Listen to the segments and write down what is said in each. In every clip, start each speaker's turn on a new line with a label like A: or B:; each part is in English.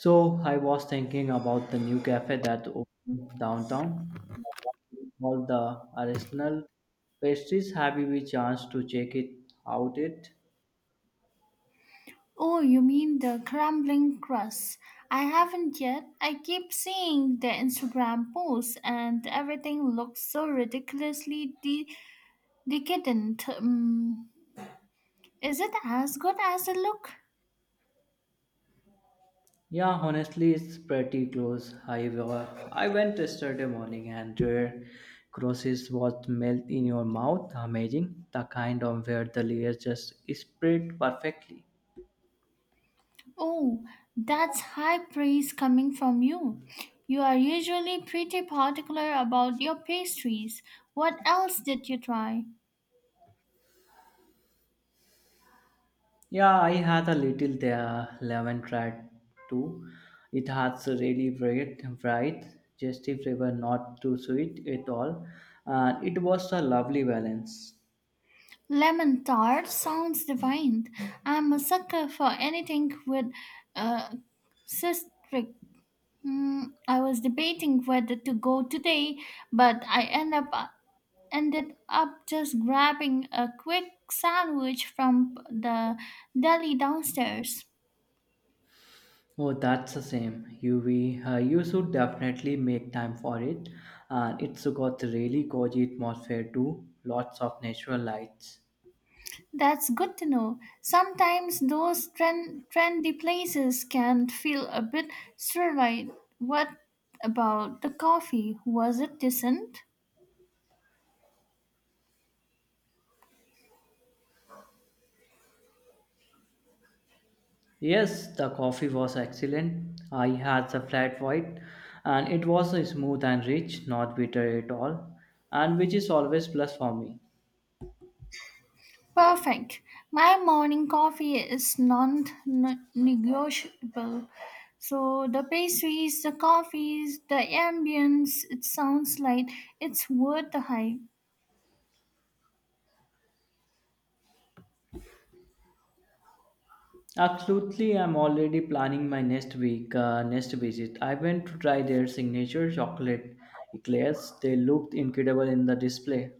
A: So I was thinking about the new cafe that opened downtown. All the artisanal pastries. Have you a chance to check it out? It
B: Oh, you mean the crumbling crust? I haven't yet. I keep seeing the Instagram posts, and everything looks so ridiculously decadent. Is it as good as it look?
A: yeah, honestly, it's pretty close. I went yesterday morning, and their crosses was melt in your mouth. Amazing, the kind of where the layers just spread perfectly.
B: Oh, that's high praise coming from you. You are usually pretty particular about your pastries. What else did you try?
A: Yeah, I had a little there lemon tried too. It has a really bright, bright, zesty flavor, not too sweet at all, and it was a lovely balance.
B: Lemon tart sounds divine. I'm a sucker for anything with uh, citric. Mm, I was debating whether to go today, but I end up ended up just grabbing a quick sandwich from the deli downstairs.
A: Oh, that's the same. You should definitely make time for it, and it's got really cozy atmosphere too. Lots of natural lights.
B: That's good to know. Sometimes those trendy places can feel a bit sterile. What about the coffee? Was it decent?
A: Yes, the coffee was excellent. I had the flat white and it was smooth and rich, not bitter at all, and which is always plus for me.
B: Perfect. My morning coffee is non negotiable. So the pastries, the coffees, the ambience, it sounds like it's worth the hype.
A: Absolutely, I'm already planning my next next visit. I went to try their signature chocolate eclairs. They looked incredible in the display.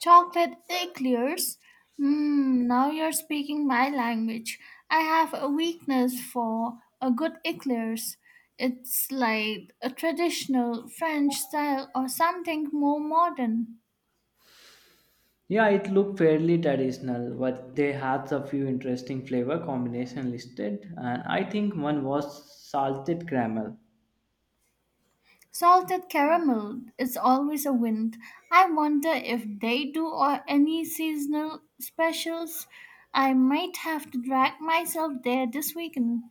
B: Chocolate eclairs. Mmm, now you're speaking my language. I have a weakness for a good eclairs. It's like a traditional French style or something more modern.
A: Yeah, it looked fairly traditional, but they had a few interesting flavor combination listed, and I think one was salted caramel.
B: Salted caramel is always a win. I wonder if they do or any seasonal specials. I might have to drag myself there this weekend.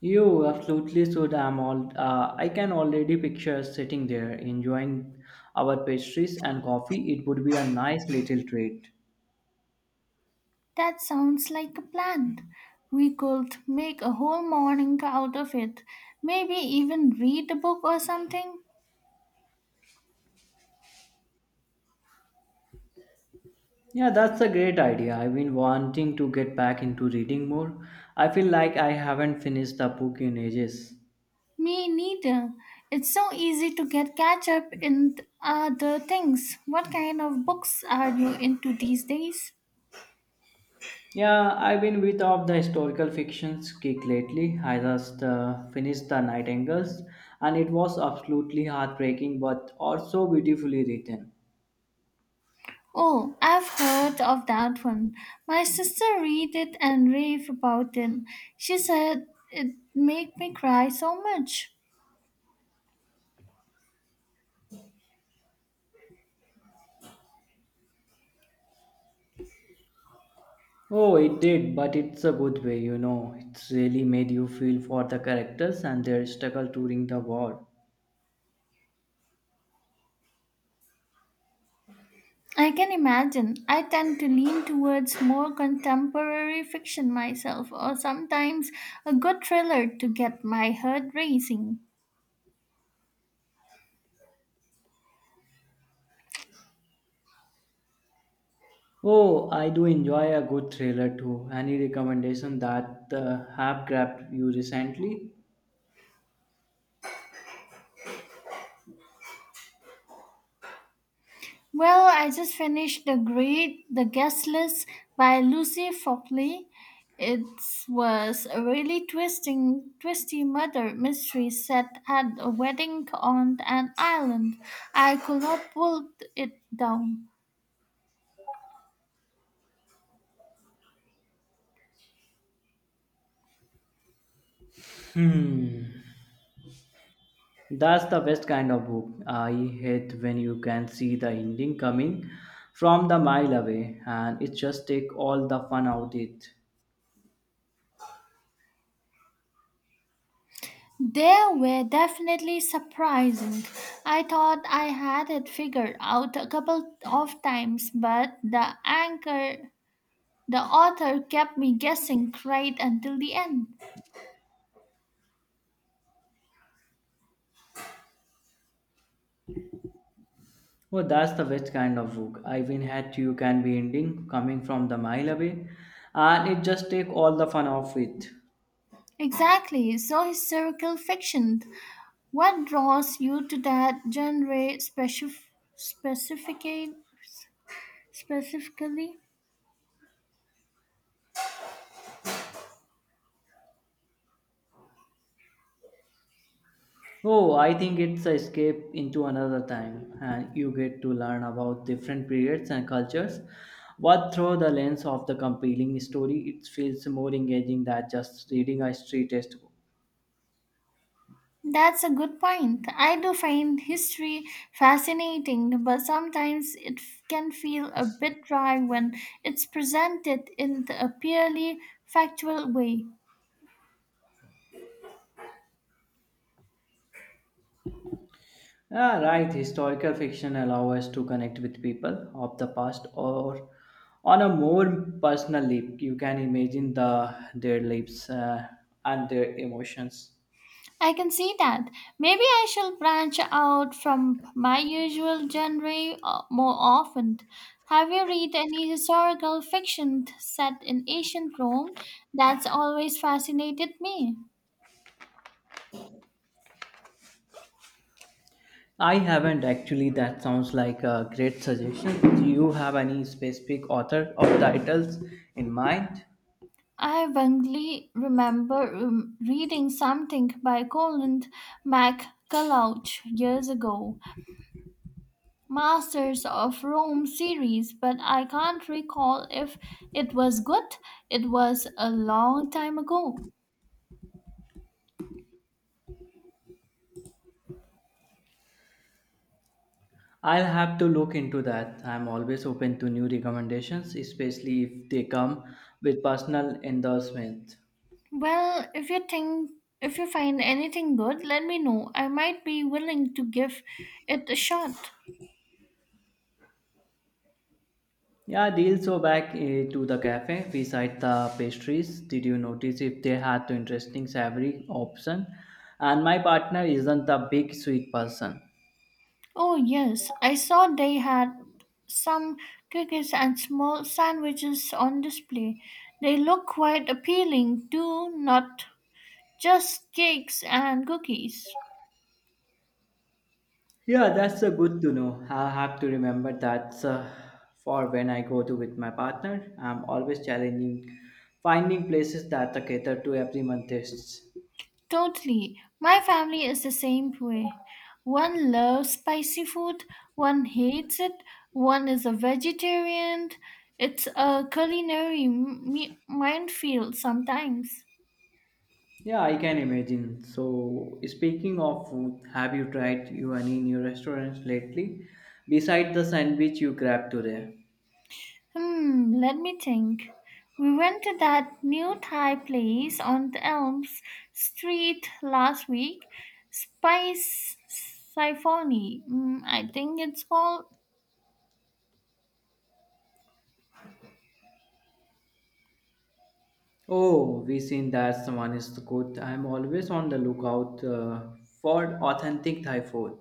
A: You absolutely should. I can already picture us sitting there enjoying our pastries and coffee. It would be a nice little treat.
B: That sounds like a plan. We could make a whole morning out of it. Maybe even read a book or something.
A: Yeah, that's a great idea. I've been wanting to get back into reading more. I feel like I haven't finished a book in ages.
B: Me neither. It's so easy to get catch up in other things. What kind of books are you into these days?
A: Yeah, I've been with of the historical fictions kick lately. I just finished The Nightingales and it was absolutely heartbreaking but also beautifully written.
B: Oh, I've heard of that one. My sister read it and raved about it. She said it made me cry so much.
A: Oh, it did, but it's a good way. It's really made you feel for the characters and their struggle during the war.
B: I can imagine. I tend to lean towards more contemporary fiction myself, or sometimes a good thriller to get my heart racing.
A: Oh, I do enjoy a good thriller too. Any recommendation that have grabbed you recently?
B: Well, I just finished the great The Guest List by Lucy Fopley. It was a really twisty murder mystery set at a wedding on an island. I could not pull it down.
A: That's the best kind of book. I hate when you can see the ending coming from the mile away and it just take all the fun out it.
B: They were definitely surprising. I thought I had it figured out a couple of times, but the author kept me guessing right until the end.
A: Well, that's the best kind of book. I mean, hat you can be ending coming from the mile away, and it just take all the fun off it.
B: Exactly. So historical fiction. What draws you to that genre specifically? Specifically,
A: Oh, I think it's a escape into another time, and you get to learn about different periods and cultures. But through the lens of the compelling story, it feels more engaging than just reading a history textbook.
B: that's a good point. I do find history fascinating, but sometimes can feel a bit dry when it's presented in a purely factual way.
A: Ah, right. Historical fiction allow us to connect with people of the past or on a more personal leap. You can imagine their lives and their emotions.
B: I can see that. Maybe I shall branch out from my usual genre more often. Have you read any historical fiction set in ancient Rome? That's always fascinated me.
A: I haven't actually. That sounds like a great suggestion. Do you have any specific author or titles in mind?
B: I vaguely remember reading something by Colin McCulloch years ago, Masters of Rome series, but I can't recall if it was good. It was a long time ago.
A: I'll have to look into that. I'm always open to new recommendations, especially if they come with personal endorsement.
B: Well, if you find anything good, let me know. I might be willing to give it a shot.
A: Yeah, deal. So back to the cafe. We sight the pastries. Did you notice if they had the interesting savory option? And my partner isn't a big sweet person.
B: Oh yes, I saw they had some cookies and small sandwiches on display. They look quite appealing, do not just cakes and cookies.
A: Yeah, that's a good to know. I have to remember that for when I go to with my partner. I'm always challenging finding places that cater to everyone tastes.
B: Totally. My family is the same way. One loves spicy food, one hates it, one is a vegetarian. It's a culinary minefield sometimes.
A: Yeah, I can imagine. So, speaking of food, have you tried you any new restaurants lately? Besides the sandwich you grabbed today.
B: Hmm, let me think. We went to that new Thai place on the Elms Street last week. Spice Siphony, mm, I think it's called.
A: Oh, we seen that someone is good. I'm always on the lookout for authentic Thai food.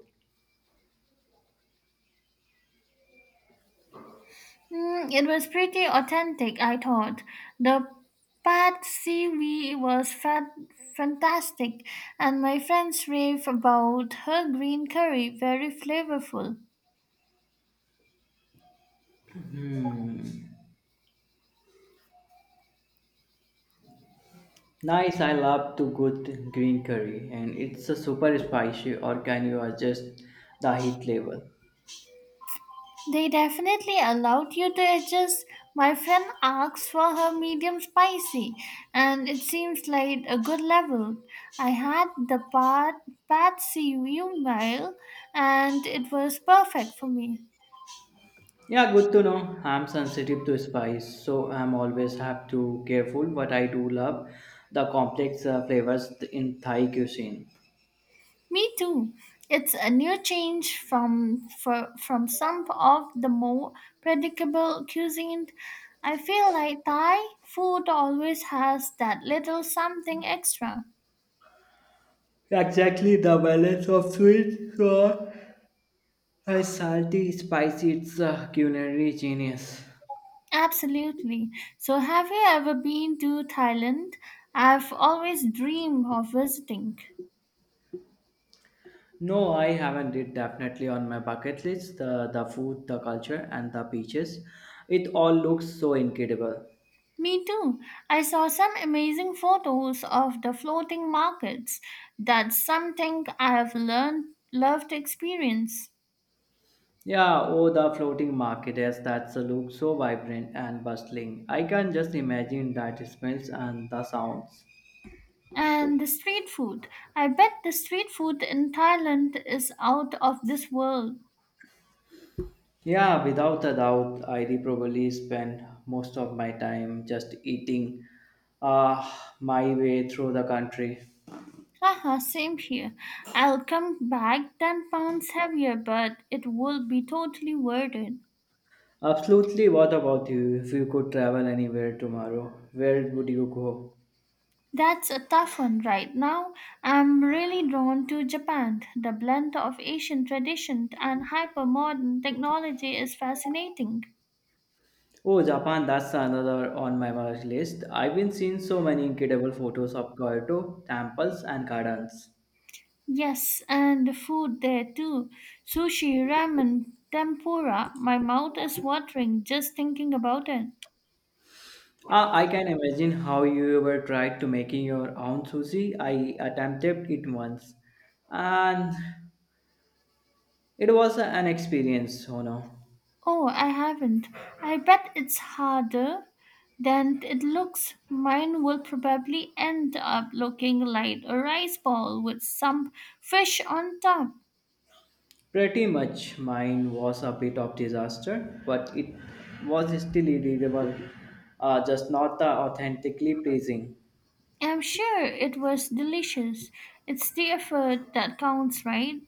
B: Mm, it was pretty authentic, I thought. The pad CV was fantastic, and my friends rave about her green curry, very flavorful.
A: Nice, I love to good green curry, and it's a super spicy, or can you adjust the heat level?
B: They definitely allowed you to adjust. My friend asked for her medium spicy, and it seems like a good level. I had pad CV meal, and it was perfect for me.
A: Yeah, good to know. I'm sensitive to spice, so I'm always have to careful. But I do love the complex flavors in Thai cuisine.
B: Me too. It's a new change from some of the more predictable cuisine. I feel like Thai food always has that little something extra.
A: Exactly the balance of sweet, sour, and salty, spicy. It's a culinary genius.
B: Absolutely. So have you ever been to Thailand? I've always dreamed of visiting.
A: No, I haven't. It definitely on my bucket list. The food, the culture, and the beaches. It all looks so incredible.
B: Me too. I saw some amazing photos of the floating markets. That's something I have learned love to experience.
A: Yeah, oh the floating market yes, that's a look so vibrant and bustling. I can just imagine that smells and the sounds.
B: And the street food. I bet the street food in Thailand is out of this world.
A: Yeah, without a doubt, I did probably spend most of my time just eating uh, my way through the country.
B: Haha, same here. I'll come back 10 pounds heavier, but it will be totally worth it.
A: Absolutely, what about you? If you could travel anywhere tomorrow, where would you go?
B: That's a tough one right now. I'm really drawn to Japan. The blend of Asian tradition and hyper modern technology is fascinating.
A: Oh, Japan, that's another on my wish list. I've been seeing so many incredible photos of Kyoto, temples, and gardens.
B: Yes, and the food there too. Sushi, ramen, tempura. My mouth is watering just thinking about it.
A: Ah, I can imagine how you ever tried to making your own sushi. I attempted it once, and it was an experience, oh no.
B: Oh, I haven't. I bet it's harder than it looks. Mine will probably end up looking like a rice ball with some fish on top.
A: Pretty much mine was a bit of disaster, but it was still edible, just not the authentically pleasing.
B: I'm sure it was delicious. It's the effort that counts, right?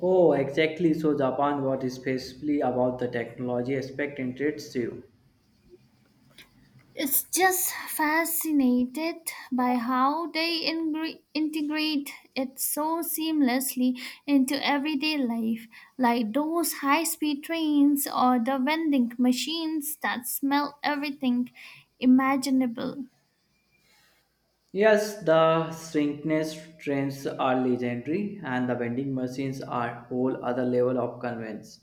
A: Oh, exactly. So Japan what is especially about the technology aspect interests you.
B: It's just fascinated by how they integrate it so seamlessly into everyday life, like those high speed trains or the vending machines that smell everything imaginable.
A: Yes, the shrinkness trains are legendary and the vending machines are whole other level of convenience.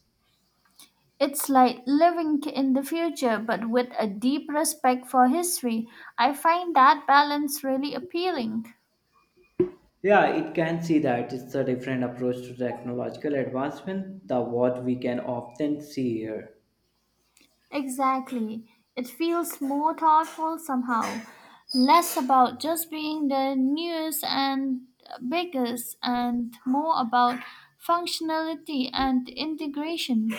B: It's like living in the future but with a deep respect for history. I find that balance really appealing.
A: Yeah, it can see that it's a different approach to technological advancement than what we can often see here.
B: Exactly. It feels more thoughtful somehow, less about just being the newest and biggest, and more about functionality and integration.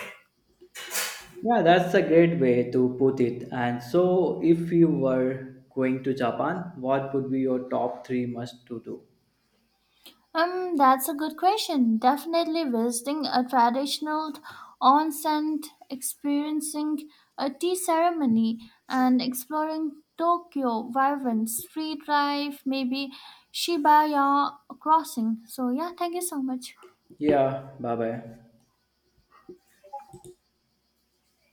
A: Yeah, that's a great way to put it. And so if you were going to Japan, what would be your top three must to do?
B: That's a good question. Definitely visiting a traditional onsen, experiencing a tea ceremony, and exploring Tokyo vibrant street life, maybe Shibuya crossing. So yeah, thank you so much.
A: Yeah, bye bye.